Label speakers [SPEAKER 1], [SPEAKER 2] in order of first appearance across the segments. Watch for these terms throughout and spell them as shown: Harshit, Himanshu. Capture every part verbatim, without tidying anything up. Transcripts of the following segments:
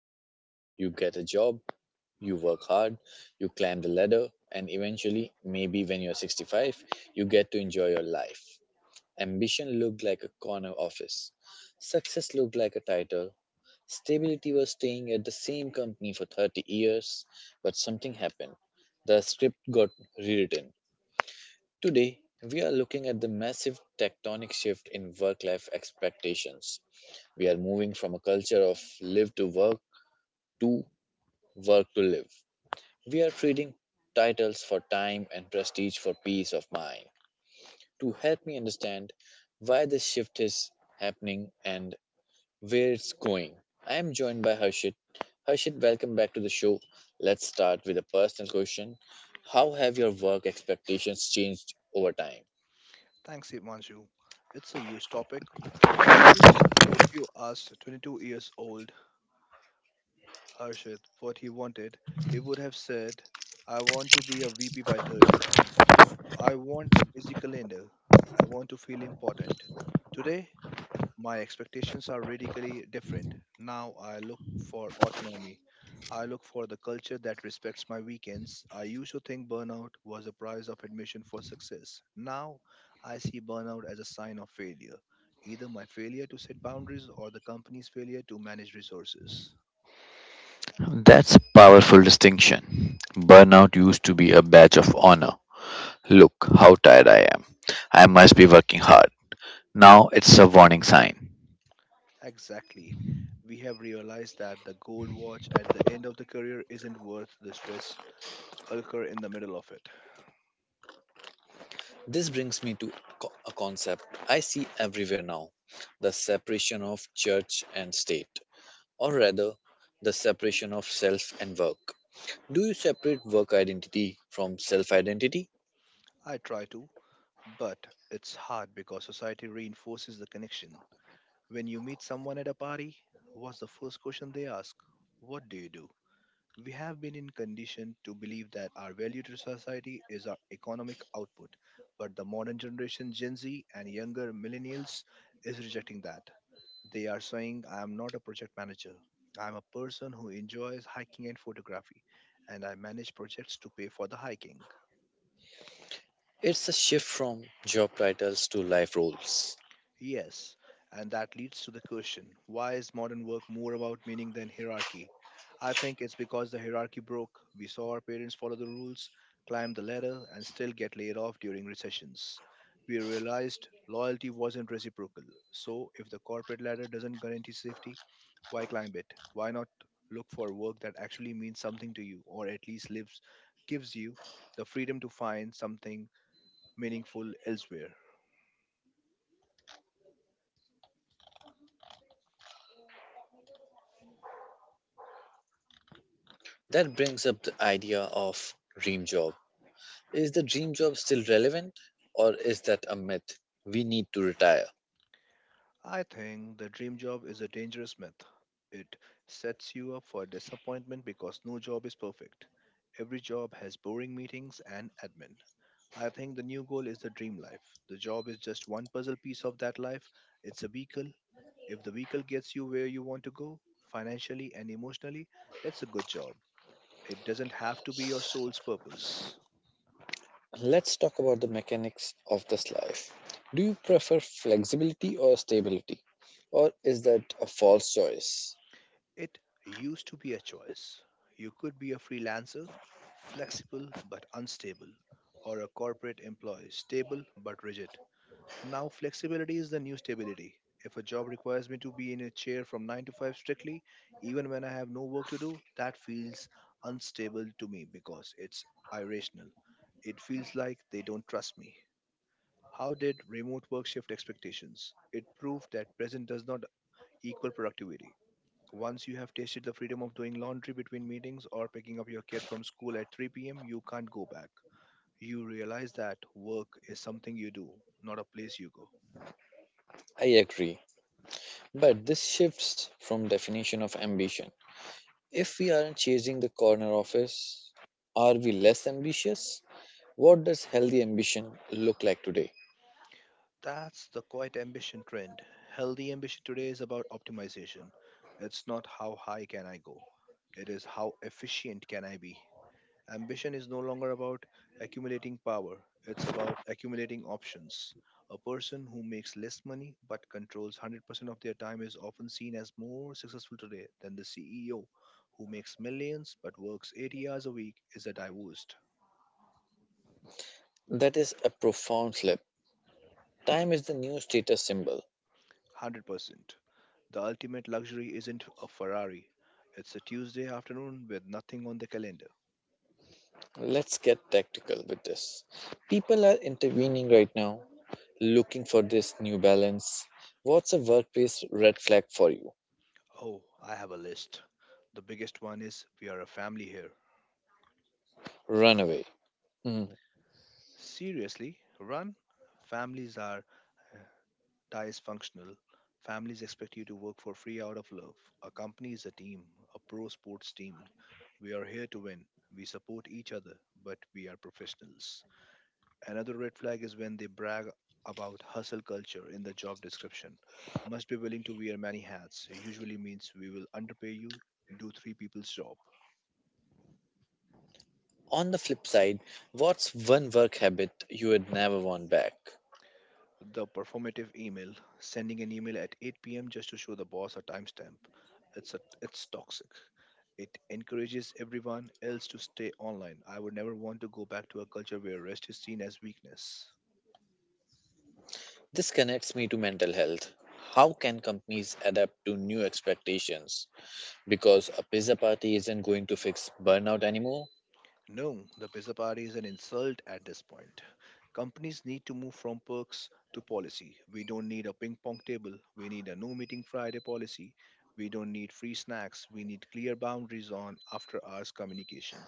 [SPEAKER 1] school, you get a job, you work hard, you climb the ladder, and eventually, maybe when you're sixty-five, you get to enjoy your life. Ambition looked like a corner office, success looked like a title. Stability was staying at the same company for thirty years, but something happened. The script got rewritten. Today, we are looking at the massive tectonic shift in work life expectations. We are moving from a culture of live to work to work to live. We are trading titles for time and prestige for peace of mind. To help me understand why this shift is happening and where it's going, I am joined by Harshit. Harshit, welcome back to the show. Let's start with a personal question. How have your work expectations changed over time?
[SPEAKER 2] Thanks, Himanshu. It's a huge topic. Honestly, if you asked twenty-two years old Harshit what he wanted, he would have said, I want to be a V P by thirty. I want the busy calendar. I want to feel important. Today, my expectations are radically different. Now I look for autonomy. I look for the culture that respects my weekends. I used to think burnout was a price of admission for success. Now I see burnout as a sign of failure, either my failure to set boundaries or the company's failure to manage resources.
[SPEAKER 1] That's a powerful distinction. Burnout used to be a badge of honor. Look how tired I am. I must be working hard. Now it's a warning sign.
[SPEAKER 2] Exactly. We have realized that the gold watch at the end of the career isn't worth the stress ulcer in the middle of it.
[SPEAKER 1] This brings me to co- a concept I see everywhere now, the separation of church and state, or rather, the separation of self and work. Do you separate work identity from self identity?
[SPEAKER 2] I try to, but it's hard because society reinforces the connection. When you meet someone at a party, what's the first question they ask? What do you do? We have been in condition to believe that our value to society is our economic output, but the modern generation, Gen Z and younger millennials, is rejecting that. They are saying, I am not a project manager. I am a person who enjoys hiking and photography, and I manage projects to pay for the hiking.
[SPEAKER 1] It's a shift from job titles to life roles.
[SPEAKER 2] Yes, and that leads to the question why is modern work more about meaning than hierarchy? I think it's because the hierarchy broke. We saw our parents follow the rules, climb the ladder, and still get laid off during recessions. We realized loyalty wasn't reciprocal. So, if the corporate ladder doesn't guarantee safety, why climb it? Why not look for work that actually means something to you, or at least lives, gives you the freedom to find something meaningful elsewhere?
[SPEAKER 1] That brings up the idea of dream job. Is the dream job still relevant, or is that a myth we need to retire?
[SPEAKER 2] I think the dream job is a dangerous myth. It sets you up for disappointment because no job is perfect. Every job has boring meetings and admin. I think the new goal is the dream life. The job is just one puzzle piece of that life. It's a vehicle. If the vehicle gets you where you want to go, financially and emotionally, it's a good job. It doesn't have to be your soul's purpose.
[SPEAKER 1] Let's talk about the mechanics of this life. Do you prefer flexibility or stability, or is that a false choice?
[SPEAKER 2] It used to be a choice. You could be a freelancer, flexible but unstable, or a corporate employee, stable but rigid. Now, flexibility is the new stability. If a job requires me to be in a chair from nine to five strictly, even when I have no work to do, that feels unstable to me because it's irrational. It feels like they don't trust me. How did remote work shift expectations? It proved that present does not equal productivity. Once you have tasted the freedom of doing laundry between meetings or picking up your kid from school at three p m, you can't go back. You realize that work is something you do, not a place you go.
[SPEAKER 1] I agree, but this shifts from definition of ambition. If we aren't chasing the corner office, are we less ambitious? What does healthy ambition look like today?
[SPEAKER 2] That's the quiet ambition trend. Healthy ambition today is about optimization. It's not how high can I go, it is how efficient can I be. Ambition is no longer about accumulating power, it's about accumulating options. A person who makes less money but controls one hundred percent of their time is often seen as more successful today than the C E O who makes millions but works eighty hours a week is a divorced
[SPEAKER 1] That is a profound slip. Time is the new status symbol.
[SPEAKER 2] one hundred percent. The ultimate luxury isn't a Ferrari, it's a Tuesday afternoon with nothing on the calendar.
[SPEAKER 1] Let's get tactical with this. People are intervening right now, looking for this new balance. What's a workplace red flag for you?
[SPEAKER 2] Oh, I have a list. The biggest one is we are a family here.
[SPEAKER 1] Run away. Hmm.
[SPEAKER 2] Seriously, run. Families are uh, dysfunctional. Families expect you to work for free out of love. A company is a team, a pro sports team. We are here to win. We support each other, but we are professionals. Another red flag is when they brag about hustle culture in the job description. Must be willing to wear many hats, usually means we will underpay you, do three people's job.
[SPEAKER 1] On the flip side, what's one work habit you would never want back?
[SPEAKER 2] The performative email, sending an email at eight p m just to show the boss a timestamp. it's a, it's toxic. It encourages everyone else to stay online. I would never want to go back to a culture where rest is seen as weakness.
[SPEAKER 1] This connects me to mental health. How can companies adapt to new expectations? Because a pizza party isn't going to fix burnout anymore.
[SPEAKER 2] No, the pizza party is an insult at this point. Companies need to move from perks to policy. We don't need a ping pong table. We need a no meeting Friday policy. We don't need free snacks. We need clear boundaries on after hours communication.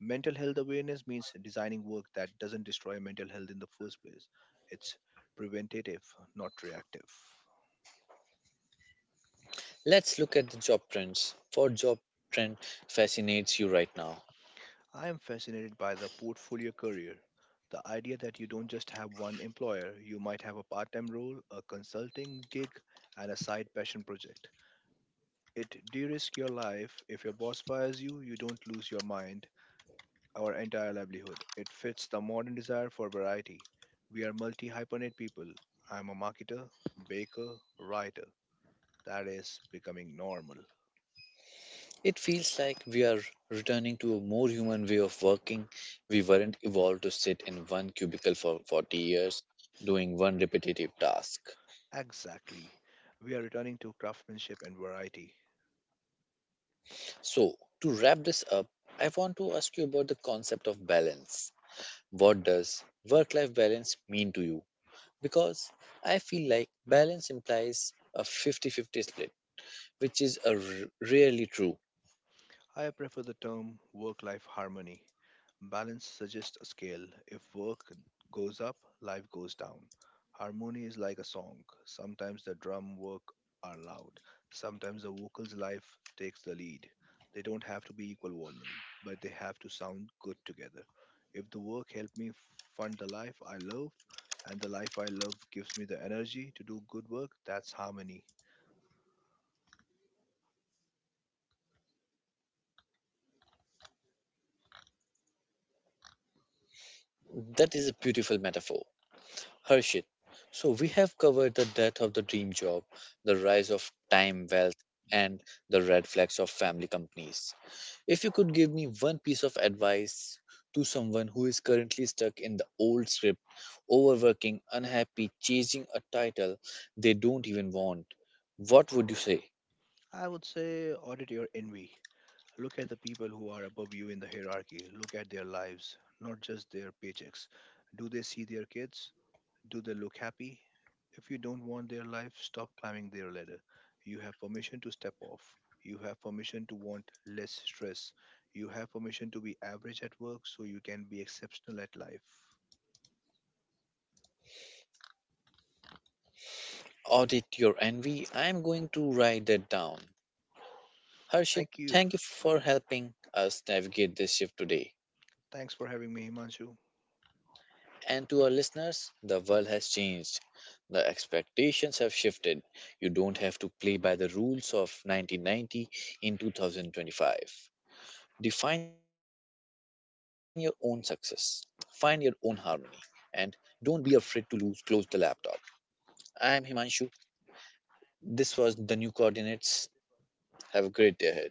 [SPEAKER 2] Mental health awareness means designing work that doesn't destroy mental health in the first place. It's preventative, not reactive.
[SPEAKER 1] Let's look at the job trends. What job trend fascinates you right now?
[SPEAKER 2] I am fascinated by the portfolio career. The idea that you don't just have one employer, you might have a part time role, a consulting gig, and a side passion project. It de risks your life. If your boss fires you, you don't lose your mind, our entire livelihood. It fits the modern desire for variety. We are multi hyphenate people. I'm a marketer, baker, writer. That is becoming normal.
[SPEAKER 1] It feels like we are returning to a more human way of working. We weren't evolved to sit in one cubicle for forty years doing one repetitive task.
[SPEAKER 2] Exactly. We are returning to craftsmanship and variety.
[SPEAKER 1] So, to wrap this up, I want to ask you about the concept of balance. What does work life balance mean to you? Because I feel like balance implies a fifty fifty split, which is a r- rarely true.
[SPEAKER 2] I prefer the term work life harmony. Balance suggests a scale. If work goes up, life goes down. Harmony is like a song. Sometimes the drum work are loud. Sometimes the vocal's life takes the lead. They don't have to be equal volume, but they have to sound good together. If the work helped me fund the life I love, and the life I love gives me the energy to do good work, that's harmony.
[SPEAKER 1] That is a beautiful metaphor. Harshit, so we have covered the death of the dream job, the rise of time wealth, and the red flags of family companies. If you could give me one piece of advice to someone who is currently stuck in the old script, overworking, unhappy, chasing a title they don't even want, what would you say?
[SPEAKER 2] I would say audit your envy. Look at the people who are above you in the hierarchy. Look at their lives, not just their paychecks. Do they see their kids? Do they look happy? If you don't want their life, stop climbing their ladder. You have permission to step off. You have permission to want less stress. You have permission to be average at work so you can be exceptional at life.
[SPEAKER 1] Audit your envy. I'm going to write that down. Harshit,
[SPEAKER 2] Thank you.
[SPEAKER 1] thank you for helping us navigate this shift today.
[SPEAKER 2] Thanks for having me, Himanshu.
[SPEAKER 1] And to our listeners, the world has changed. The expectations have shifted. You don't have to play by the rules of nineteen ninety in two thousand twenty-five. Define your own success, find your own harmony, and don't be afraid to lose. Close the laptop. I am Himanshu. This was the new coordinates. Have a great day ahead.